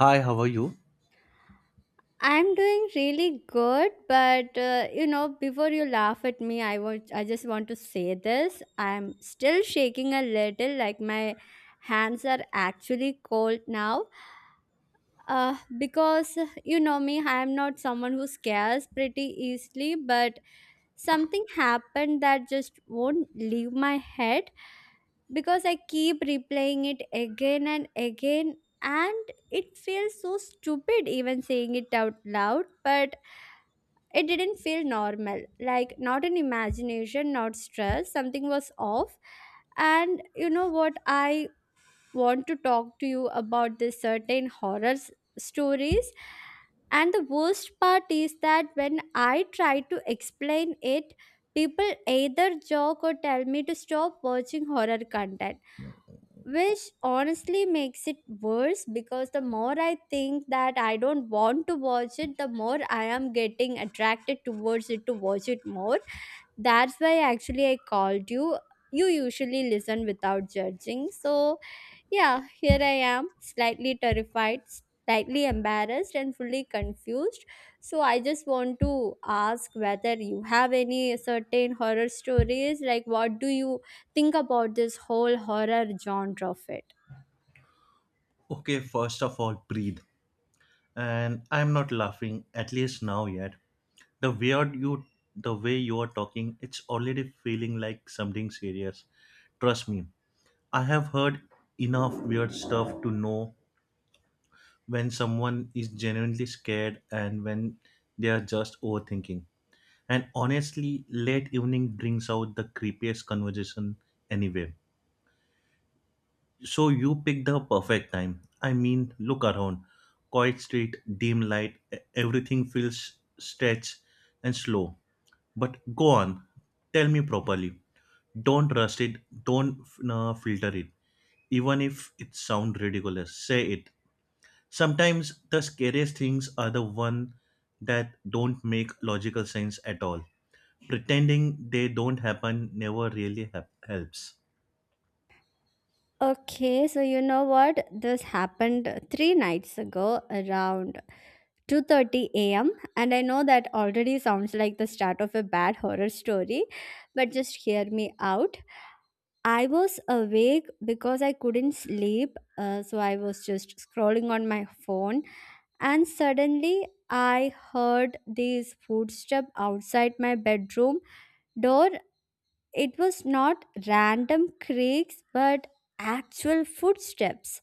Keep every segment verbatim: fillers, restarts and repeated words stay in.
Hi, how are you? I'm doing really good, but uh, you know, before you laugh at me, I want I just want to say this. I'm still shaking a little, like my hands are actually cold now. Uh, because uh, you know me, I'm not someone who scares pretty easily, but something happened that just won't leave my head because I keep replaying it again and again, and it feels so stupid even saying it out loud, but it didn't feel normal, like not an imagination, not stress. Something was off. And you know what? I want to talk to you about this certain horror s- stories. And the worst part is that when I try to explain it, people either joke or tell me to stop watching horror content, which honestly makes it worse because the more I think that I don't want to watch it, the more I am getting attracted towards it to watch it more. That's why actually I called you. You usually listen without judging. So, yeah, here I am, slightly terrified, slightly embarrassed, and fully confused. So, I just want to ask whether you have any certain horror stories. Like, what do you think about this whole horror genre of it? Okay, first of all, breathe. And I'm not laughing, at least now yet. The weird you the way you are talking, it's already feeling like something serious. Trust me, I have heard enough weird stuff to know when someone is genuinely scared and when they are just overthinking. And honestly, late evening brings out the creepiest conversation anyway. So you picked the perfect time. I mean, look around. Quiet street, dim light, e- everything feels stretched and slow. But go on, tell me properly. Don't rush it, don't uh, filter it. Even if it sounds ridiculous, say it. Sometimes the scariest things are the one that don't make logical sense at all. Pretending they don't happen never really hap- helps. Okay, so you know what? This happened three nights ago around two thirty a m and I know that already sounds like the start of a bad horror story, but just hear me out. I was awake because I couldn't sleep, uh, so I was just scrolling on my phone and suddenly I heard these footsteps outside my bedroom door. It was not random creaks, but actual footsteps.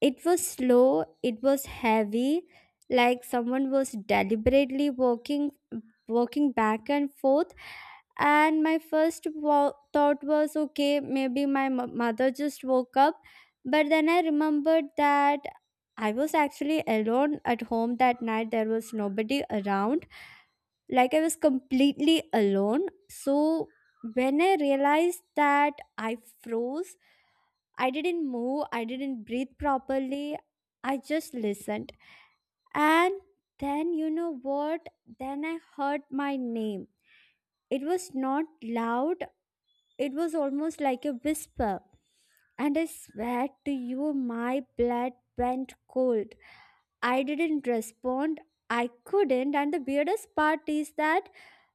It was slow, it was heavy, like someone was deliberately walking walking back and forth. And my first wa- thought was, okay, maybe my m- mother just woke up, but then I remembered that I was actually alone at home that night. There was nobody around, like I was completely alone. So when I realized that, I froze. I didn't move, I didn't breathe properly, I just listened. And then, you know what? Then I heard my name. It was not loud, it was almost like a whisper. And I swear to you, my blood went cold. I didn't respond. I couldn't. And the weirdest part is that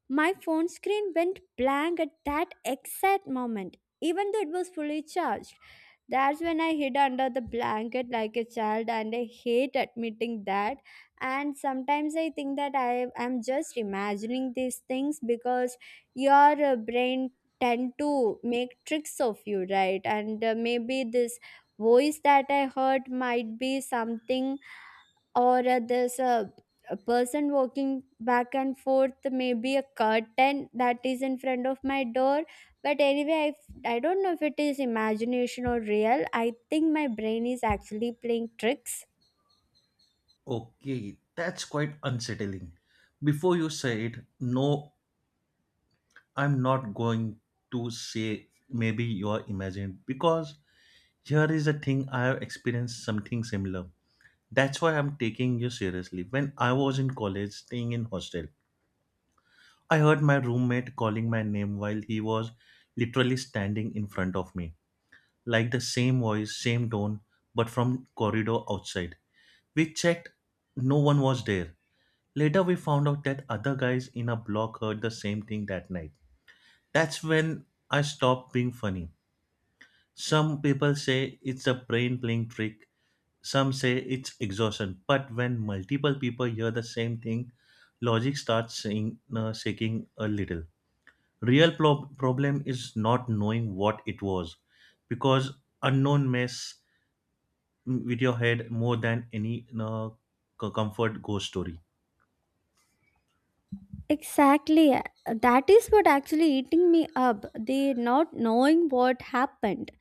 my phone screen went blank at that exact moment, even though it was fully charged. That's when I hid under the blanket like a child, and I hate admitting that. And sometimes I think that I am just imagining these things because your uh, brain tend to make tricks of you, right? And uh, maybe this voice that I heard might be something, or uh, there's a, a person walking back and forth, maybe a curtain that is in front of my door. But anyway, I I f- I don't know if it is imagination or real. I think my brain is actually playing tricks. Okay, that's quite unsettling. Before you said, no, I'm not going to say maybe you're imagined, because here is a thing I have experienced something similar. That's why I'm taking you seriously. When I was in college, staying in hostel, I heard my roommate calling my name while he was literally standing in front of me, like the same voice, same tone, but from corridor outside. We checked, no one was there. Later, we found out that other guys in our block heard the same thing that night. That's when I stopped being funny. Some people say it's a brain playing trick, some say it's exhaustion. But when multiple people hear the same thing, logic starts saying, uh, shaking a little. Real pro- problem is not knowing what it was, because unknown mess with your head more than any uh, co- comfort ghost story. Exactly. Uh, that is what actually eating me up, the not knowing what happened.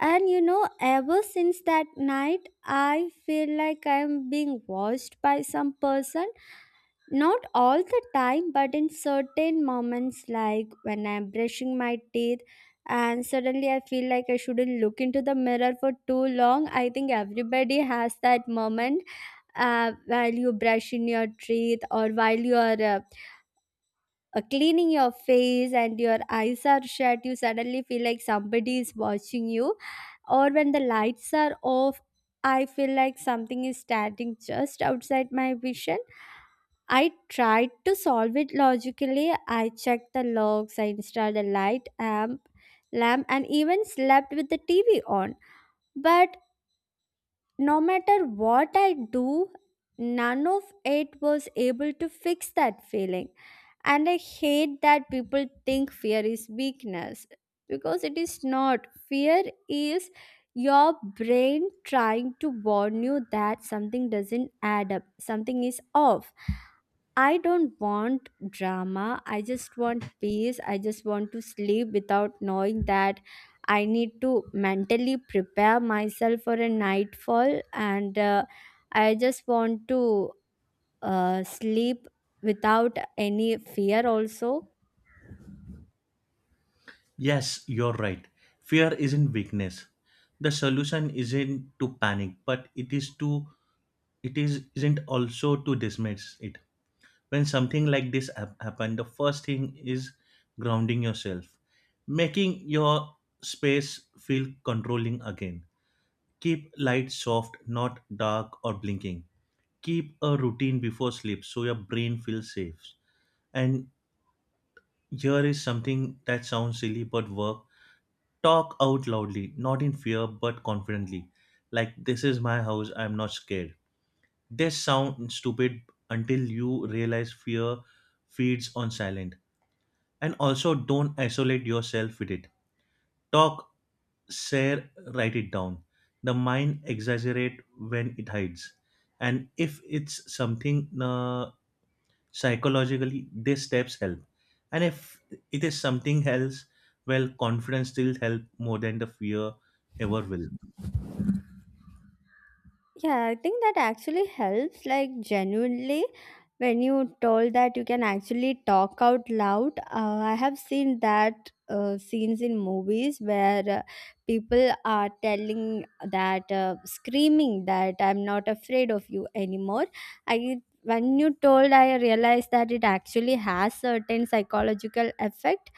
And you know, ever since that night, I feel like I'm being watched by some person. Not all the time, but in certain moments, like when I'm brushing my teeth and suddenly I feel like I shouldn't look into the mirror for too long. I think everybody has that moment. Uh, while you brush in your teeth or while you are uh, uh, cleaning your face and your eyes are shut, you suddenly feel like somebody is watching you, or when the lights are off. I feel like something is standing just outside my vision. I tried to solve it logically. I checked the logs, I installed a light amp, lamp, and even slept with the T V on. But no matter what I do, none of it was able to fix that feeling. And I hate that people think fear is weakness because it is not. Fear is your brain trying to warn you that something doesn't add up, something is off. I don't want drama. I just want peace. I just want to sleep without knowing that I need to mentally prepare myself for a nightfall. And uh, I just want to uh, sleep without any fear, also. Yes, you're right. Fear isn't weakness. The solution isn't to panic, but it is to it is isn't also to dismiss it. When something like this hap- happen, the first thing is grounding yourself, making your space feel controlling again. Keep light soft, not dark or blinking. Keep a routine before sleep so your brain feels safe. And here is something that sounds silly but work. Talk out loudly, not in fear but confidently. Like, this is my house, I'm not scared. This sounds stupid until you realize fear feeds on silent. And also, don't isolate yourself with it. Talk, share, write it down. The mind exaggerate when it hides. And if it's something uh, psychologically, these steps help. And if it is something else, well, confidence still help more than the fear ever will. Yeah, I think that actually helps. Like, genuinely, when you told that you can actually talk out loud, uh, I have seen that uh, scenes in movies where uh, people are telling that, uh, screaming that I'm not afraid of you anymore. I When you told, I realized that it actually has certain psychological effect.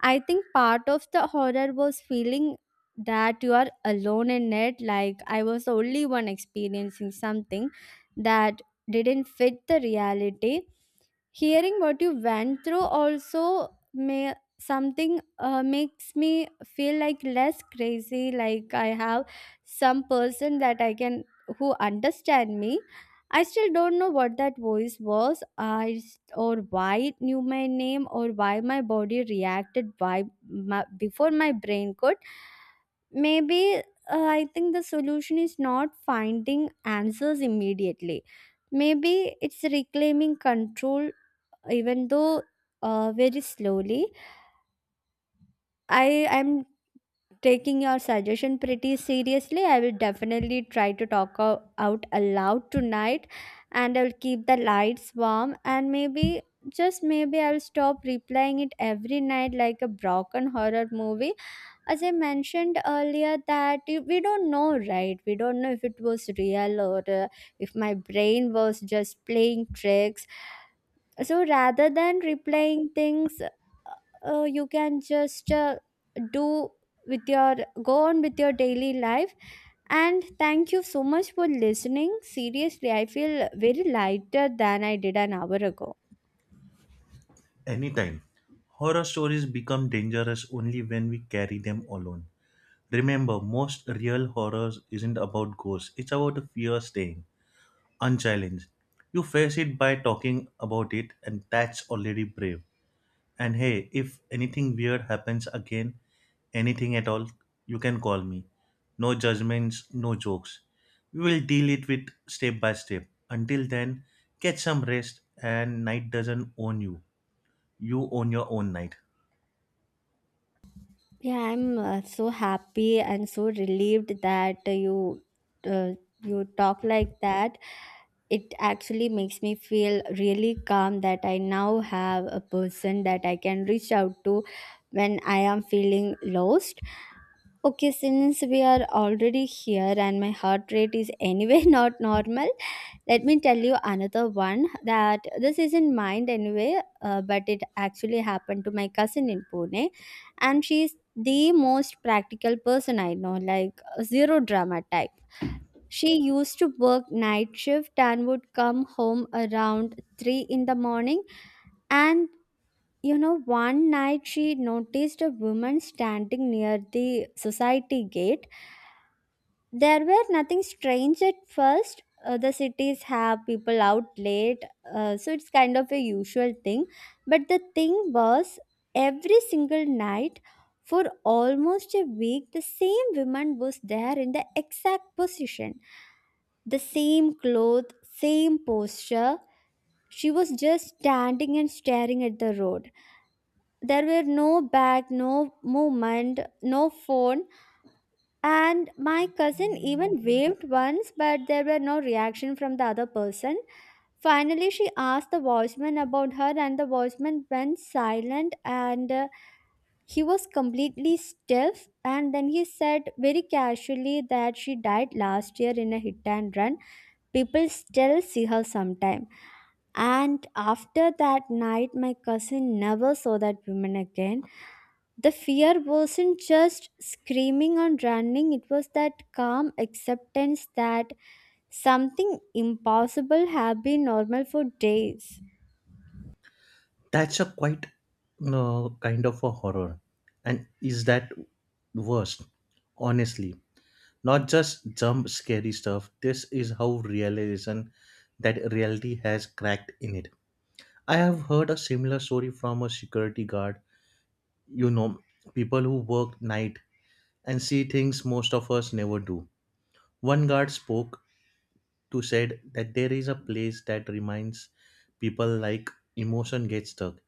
I think part of the horror was feeling that you are alone in it. Like I was the only one experiencing something that didn't fit the reality. Hearing what you went through also may something, uh, makes me feel like less crazy, like I have some person that I can, who understand me. I still don't know what that voice was i s- or why it knew my name, or why my body reacted, why my, before my brain could. Maybe uh, I think the solution is not finding answers immediately. Maybe it's reclaiming control, even though uh, very slowly. I am taking your suggestion pretty seriously. I will definitely try to talk o- out aloud tonight, and I'll keep the lights warm, and maybe just maybe I'll stop replaying it every night like a broken horror movie. As I mentioned earlier that you- we don't know, right? We don't know if it was real, or uh, if my brain was just playing tricks. So rather than replaying things, uh, uh, you can just uh, do with your go on with your daily life. And thank you so much for listening. Seriously, I feel very lighter than I did an hour ago. Anytime. Horror stories become dangerous only when we carry them alone. Remember, most real horror isn't about ghosts, it's about a fear staying unchallenged. You face it by talking about it, and that's already brave. And hey, if anything weird happens again, anything at all, you can call me. No judgments, no jokes. We will deal it with step by step. Until then, get some rest and night doesn't own you. You own your own night. Yeah, I'm uh, so happy and so relieved that uh, you uh, you talk like that. It actually makes me feel really calm that I now have a person that I can reach out to when I am feeling lost. Okay, since we are already here and my heart rate is anyway not normal, let me tell you another one. That this isn't mine anyway, uh, but it actually happened to my cousin in Pune, and she's the most practical person I know, like zero drama type. She used to work night shift and would come home around three in the morning. And you know, one night she noticed a woman standing near the society gate. There were nothing strange at first. Uh, the cities have people out late, uh, so it's kind of a usual thing. But the thing was, every single night for almost a week, the same woman was there in the exact position, the same clothes, same posture. She was just standing and staring at the road. There were no bag, no movement, no phone. And my cousin even waved once, but there were no reaction from the other person. Finally, she asked the watchman about her, and the watchman went silent and uh, he was completely stiff. And then he said very casually that she died last year in a hit and run. People still see her sometime. And after that night, my cousin never saw that woman again. The fear wasn't just screaming or running, it was that calm acceptance that something impossible had been normal for days. That's a quite uh, kind of a horror. And is that worst? Honestly, not just jump scary stuff. This is how realization that reality has cracked in it. I have heard a similar story from a security guard. You know, people who work night and see things most of us never do. One guard spoke to said that there is a place that reminds people like emotion gets stuck.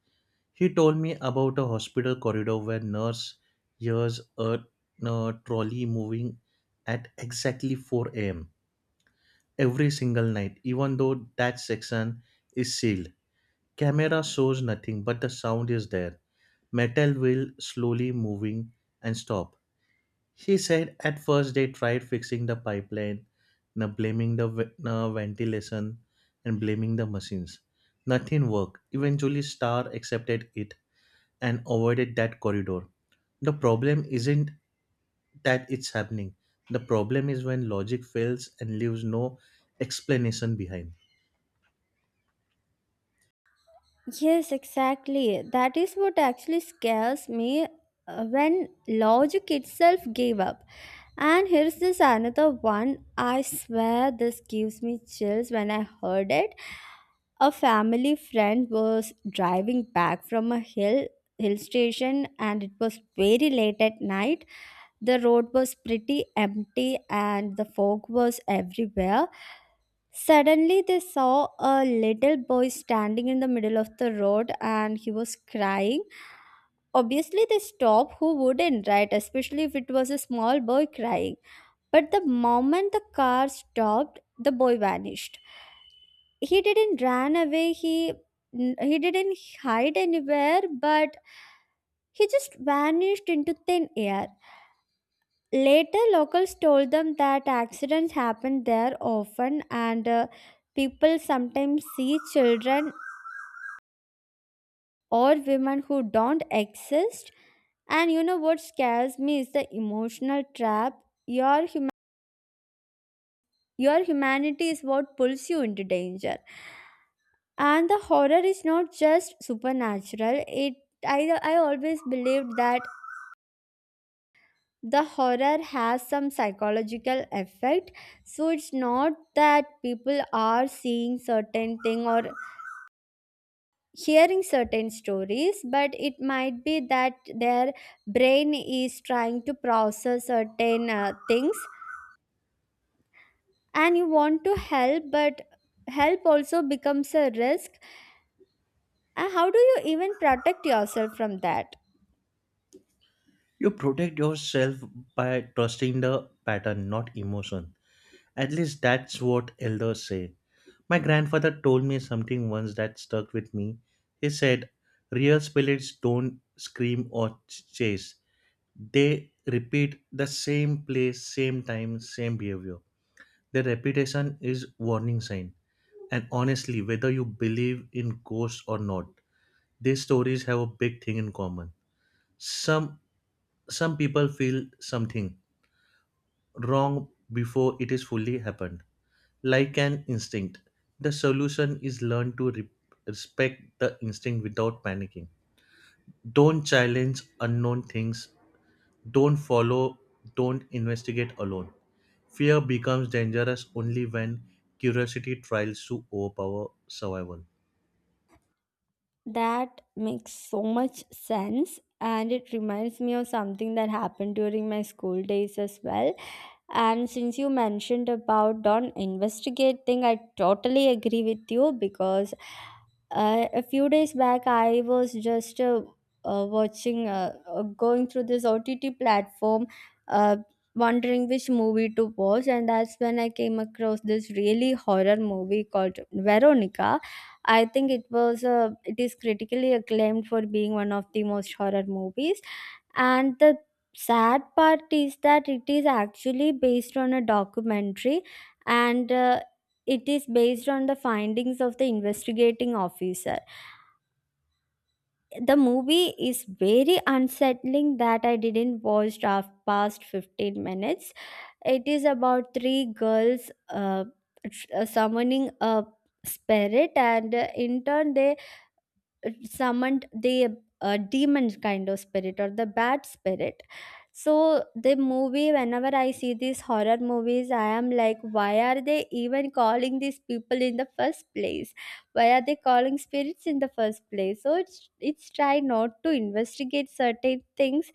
She told me about a hospital corridor where nurse hears a, uh, trolley moving at exactly four a m every single night, even though that section is sealed. Camera shows nothing, but the sound is there. Metal wheel slowly moving and stop. She said at first they tried fixing the pipeline, now blaming the ve- uh, ventilation and blaming the machines. Nothing worked. Eventually, Star accepted it and avoided that corridor. The problem isn't that it's happening. The problem is when logic fails and leaves no explanation behind. Yes, exactly. That is what actually scares me, uh, when logic itself gave up. And here's this another one. I swear this gives me chills when I heard it. A family friend was driving back from a hill hill station, and it was very late at night. The road was pretty empty and the fog was everywhere. Suddenly they saw a little boy standing in the middle of the road and he was crying. Obviously they stopped. Who wouldn't, right? Especially if it was a small boy crying. But the moment the car stopped, the boy vanished. He didn't run away, he n- he didn't hide anywhere, but he just vanished into thin air. Later, locals told them that accidents happen there often, and uh, people sometimes see children or women who don't exist. And you know what scares me is the emotional trap. Your hum- your humanity is what pulls you into danger. And the horror is not just supernatural. It i i always believed that the horror has some psychological effect. So it's not that people are seeing certain thing or hearing certain stories, but it might be that their brain is trying to process certain uh, things. And you want to help, but help also becomes a risk. And how do you even protect yourself from that? You protect yourself by trusting the pattern, not emotion. At least that's what elders say. My grandfather told me something once that stuck with me. He said, real spirits don't scream or ch- chase, they repeat the same place, same time, same behavior. The repetition is warning sign. And honestly, whether you believe in ghosts or not, these stories have a big thing in common. Some some people feel something wrong before it is fully happened, like an instinct. The solution is learn to re- respect the instinct without panicking. Don't challenge unknown things. Don't follow. Don't investigate alone. Fear becomes dangerous only when curiosity tries to overpower survival. That makes so much sense, and it reminds me of something that happened during my school days as well. And since you mentioned about don't investigate thing, I totally agree with you because uh, a few days back I was just uh, uh, watching, uh, uh, going through this O T T platform, uh, wondering which movie to watch, and that's when I came across this really horror movie called Veronica. I think it was uh, it is critically acclaimed for being one of the most horror movies and the sad part is that it is actually based on a documentary and uh, it is based on the findings of the investigating officer. The movie is very unsettling that I didn't watch af- past fifteen minutes. It is about three girls, uh, tr- uh, summoning a spirit, and uh, in turn they uh, summoned the uh, demon kind of spirit or the bad spirit. So the movie, whenever I see these horror movies, I am like, why are they even calling these people in the first place? Why are they calling spirits in the first place? So it's it's try not to investigate certain things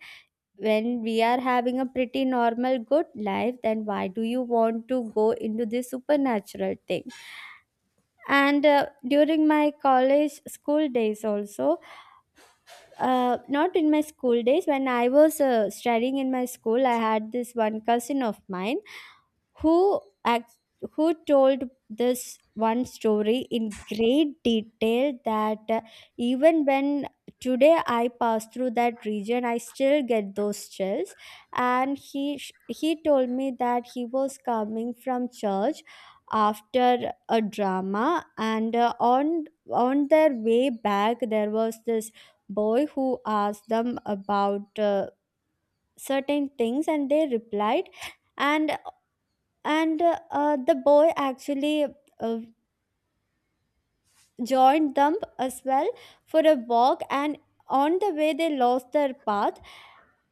when we are having a pretty normal good life. Then why do you want to go into this supernatural thing? And uh, during my college school days also, uh, not in my school days, when I was uh, studying in my school, I had this one cousin of mine who act, who told this one story in great detail that uh, even when today I pass through that region I still get those chills. And he sh- he told me that he was coming from church after a drama, and uh, on on their way back there was this boy who asked them about uh, certain things and they replied. And and uh, uh, the boy actually uh, joined them as well for a walk, and on the way they lost their path.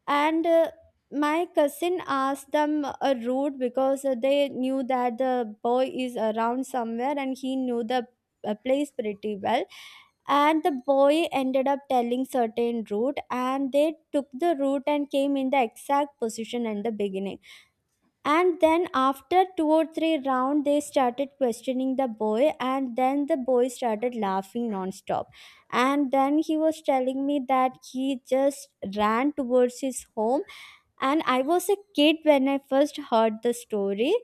And uh, my cousin asked them a route because uh, they knew that the boy is around somewhere and he knew the uh, place pretty well, and the boy ended up telling certain route and they took the route and came in the exact position in the beginning. And then after two or three round they started questioning the boy, and then the boy started laughing non-stop, and then he was telling me that he just ran towards his home. And I was a kid when I first heard the story,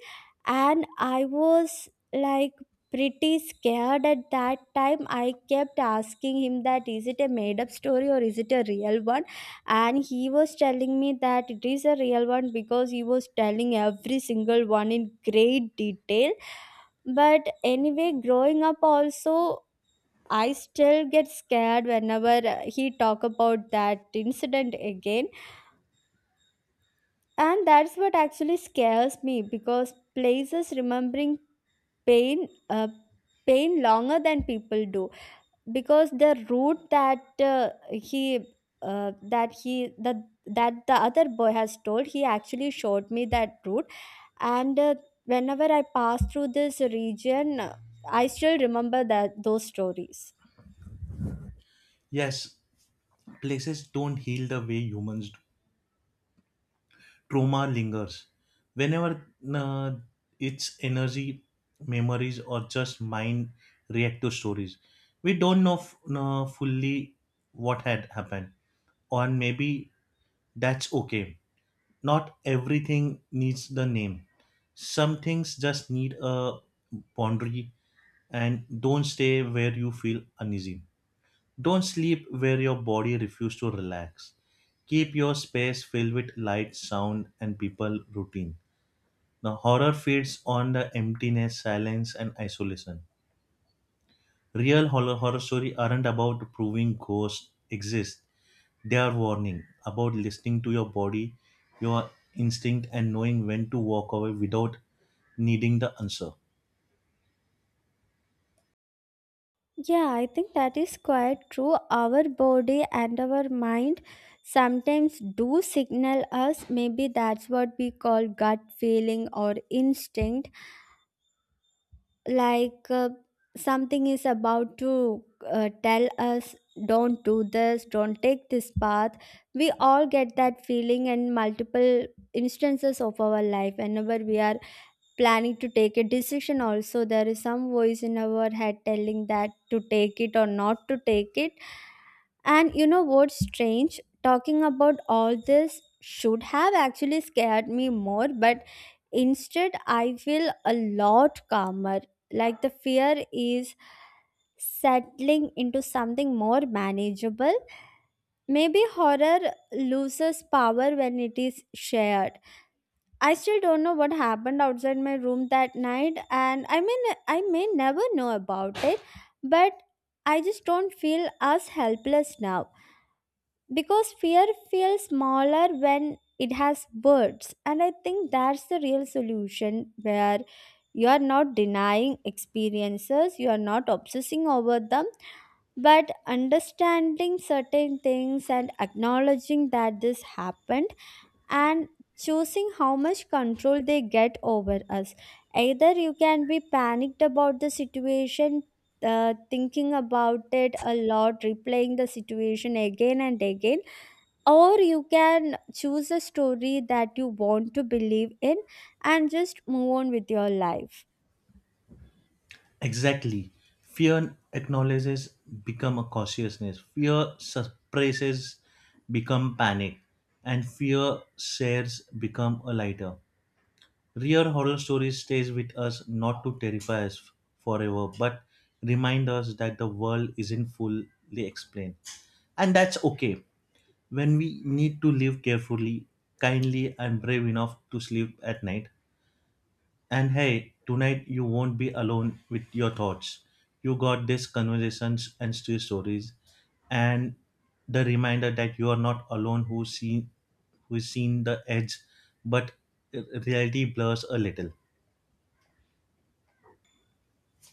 and I was like pretty scared at that time. I kept asking him that is it a made up story or is it a real one, and he was telling me that it is a real one because he was telling every single one in great detail. But anyway, growing up also, I still get scared whenever uh, he talk about that incident again. And that's what actually scares me, because places remembering pain, uh, pain longer than people do. Because the route that uh, he, uh, that he, that that the other boy has told, he actually showed me that route. And uh, whenever I pass through this region, uh, I still remember that those stories. Yes, places don't heal the way humans do. Trauma lingers. Whenever uh, it's energy, memories, or just mind react to stories, we don't know f- uh, fully what had happened, or maybe that's okay. Not everything needs the name. Some things just need a boundary, and don't stay where you feel uneasy. Don't sleep where your body refuses to relax. Keep your space filled with light, sound, and people routine. Now, horror feeds on the emptiness, silence, and isolation. Real horror, horror stories aren't about proving ghosts exist, they are warning about listening to your body, your instinct, and knowing when to walk away without needing the answer. Yeah, I think that is quite true. Our body and our mind sometimes do signal us. Maybe that's what we call gut feeling or instinct. Like uh, something is about to uh, tell us, don't do this, don't take this path. We all get that feeling in multiple instances of our life. Whenever we are planning to take a decision also, there is some voice in our head telling that to take it or not to take it. And you know what's strange, talking about all this should have actually scared me more, but instead I feel a lot calmer, like the fear is settling into something more manageable. Maybe horror loses power when it is shared. I still don't know what happened outside my room that night, and I mean, I may never know about it, but I just don't feel as helpless now, because fear feels smaller when it has words. And I think that's the real solution, where you are not denying experiences, you are not obsessing over them, but understanding certain things and acknowledging that this happened, and choosing how much control they get over us. Either you can be panicked about the situation, uh, thinking about it a lot, replaying the situation again and again, or you can choose a story that you want to believe in and just move on with your life. Exactly. Fear acknowledges become a cautiousness. Fear suppresses become panic. And fear shares become a lighter. Real horror stories stays with us not to terrify us f- forever, but remind us that the world isn't fully explained. And that's okay. When we need to live carefully, kindly and brave enough to sleep at night, and hey, tonight you won't be alone with your thoughts. You got these conversations and still stories, and the reminder that you are not alone who seen who seen the edge, but reality blurs a little.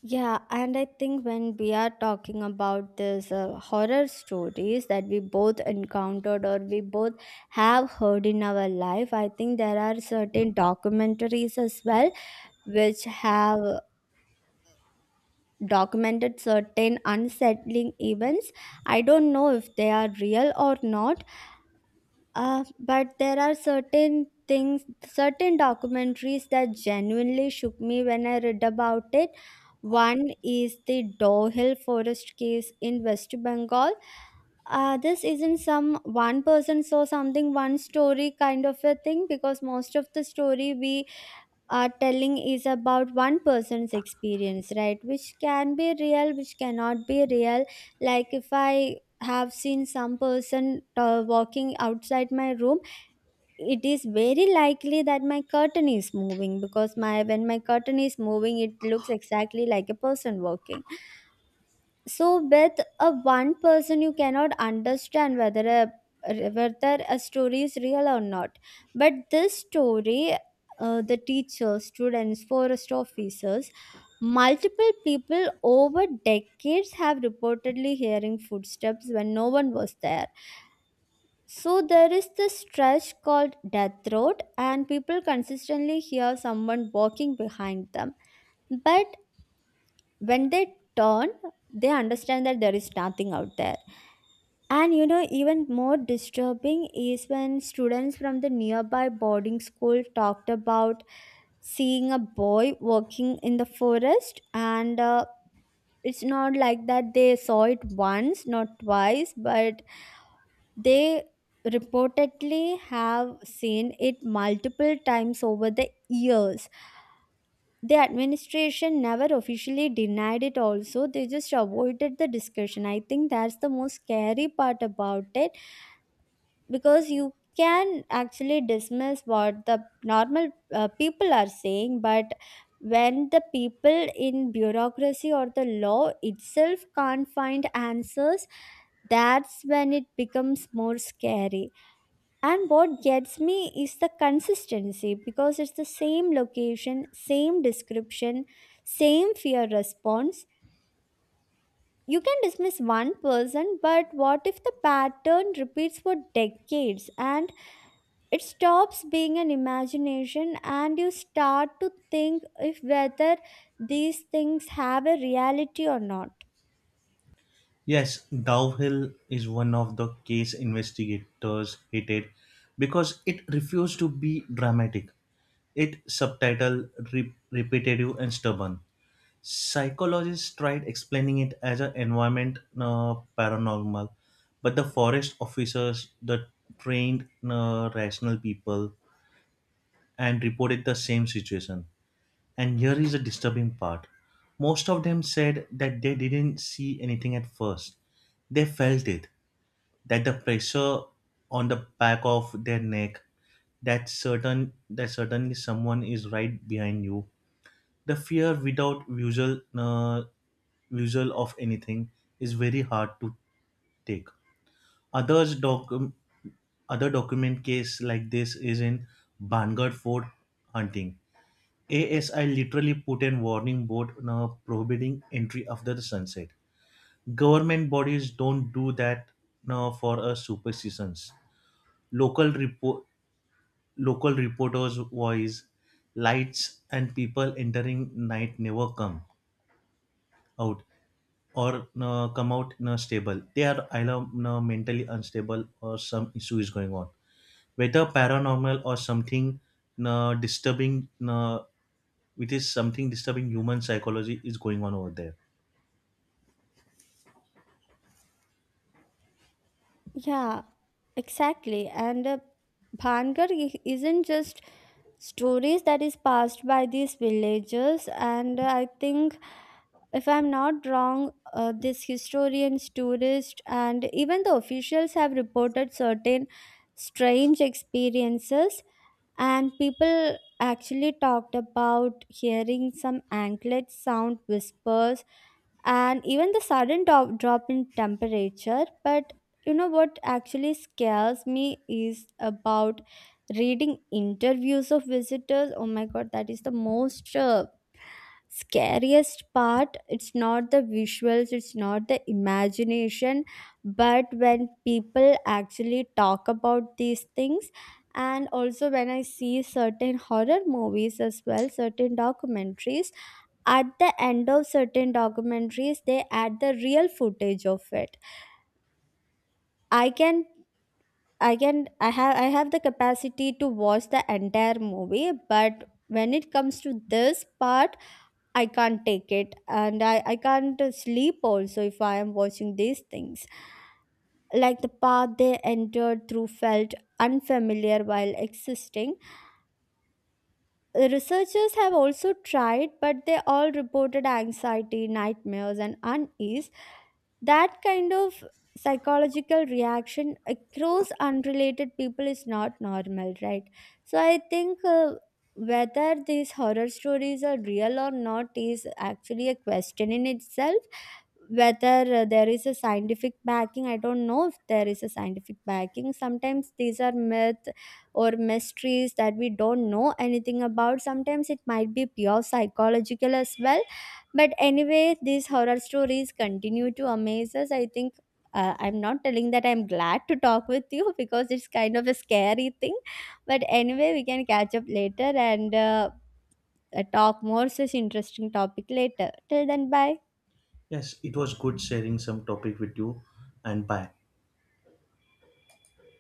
Yeah, and I think when we are talking about this uh, horror stories that we both encountered or we both have heard in our life, I think there are certain documentaries as well which have documented certain unsettling events. I don't know if they are real or not. uh, but there are certain things, certain documentaries that genuinely shook me when I read about it. One is the Dohill Forest case in West Bengal. Uh, this isn't some one person saw something, one story kind of a thing, because most of the story we are telling is about one person's experience, right? Which can be real, which cannot be real. Like if I have seen some person uh, walking outside my room, it is very likely that my curtain is moving, because my when my curtain is moving it looks exactly like a person walking. So with a one person you cannot understand whether a whether a story is real or not. But this story, uh, the teachers, students, forest officers, multiple people over decades have reportedly hearing footsteps when no one was there. So there is this stretch called Death Road, and people consistently hear someone walking behind them. But when they turn, they understand that there is nothing out there. And you know, even more disturbing is when students from the nearby boarding school talked about seeing a boy walking in the forest, and uh, it's not like that they saw it once, not twice, but they reportedly have seen it multiple times over the years. The administration never officially denied it, also, they just avoided the discussion. I think that's the most scary part about it, because you can actually dismiss what the normal uh, people are saying, but when the people in bureaucracy or the law itself can't find answers, that's when it becomes more scary. And what gets me is the consistency, because it's the same location, same description, same fear response. You can dismiss one person, but what if the pattern repeats for decades and it stops being an imagination and you start to think if whether these things have a reality or not? Yes, Dowhill is one of the case investigators hated because it refused to be dramatic. It subtitled, re- repetitive, and stubborn. Psychologists tried explaining it as an environment uh, paranormal, but the forest officers, the trained uh, rational people, and reported the same situation. And here is the disturbing part. Most of them said that they didn't see anything at first. They felt it, that the pressure on the back of their neck, that certain that certainly someone is right behind you, the fear without visual uh, visual of anything is very hard to take. Others doc- other document case like this is in Bangor Fort hunting. A S I literally put a warning board now prohibiting entry after the sunset. Government bodies don't do that now for us superstitions. Local report, Local reporters' voice, lights, and people entering night never come out, or uh, come out uh, stable. They are either uh, mentally unstable or some issue is going on, whether paranormal or something uh, disturbing. Uh, it is something disturbing human psychology is going on over there. Yeah, exactly. And uh, Bhangar i- isn't just stories that is passed by these villagers. And uh, I think, if I'm not wrong, uh, these historians, tourists, and even the officials have reported certain strange experiences, and people actually talked about hearing some anklet sound whispers and even the sudden drop, drop in temperature. But you know what actually scares me is about reading interviews of visitors. Oh my god, that is the most uh, scariest part. It's not the visuals, it's not the imagination, but when people actually talk about these things. And also when I see certain horror movies as well, certain documentaries, at the end of certain documentaries they add the real footage of it. i can i can i have I have the capacity to watch the entire movie, but when it comes to this part I can't take it. And I, I can't uh, sleep also if I am watching these things. Like the path they entered through felt unfamiliar while existing. The researchers have also tried, but they all reported anxiety, nightmares, and unease. That kind of psychological reaction across unrelated people is not normal, right? So I think. Uh, whether these horror stories are real or not is actually a question in itself. Whether uh, there is a scientific backing, I don't know if there is a scientific backing. Sometimes these are myth or mysteries that we don't know anything about. Sometimes it might be pure psychological as well. But anyway, these horror stories continue to amaze us. I think uh, I'm not telling that I'm glad to talk with you because it's kind of a scary thing, but anyway we can catch up later and uh, uh, talk more such interesting topic later. Till then, bye. Yes, it was good sharing some topic with you, and bye.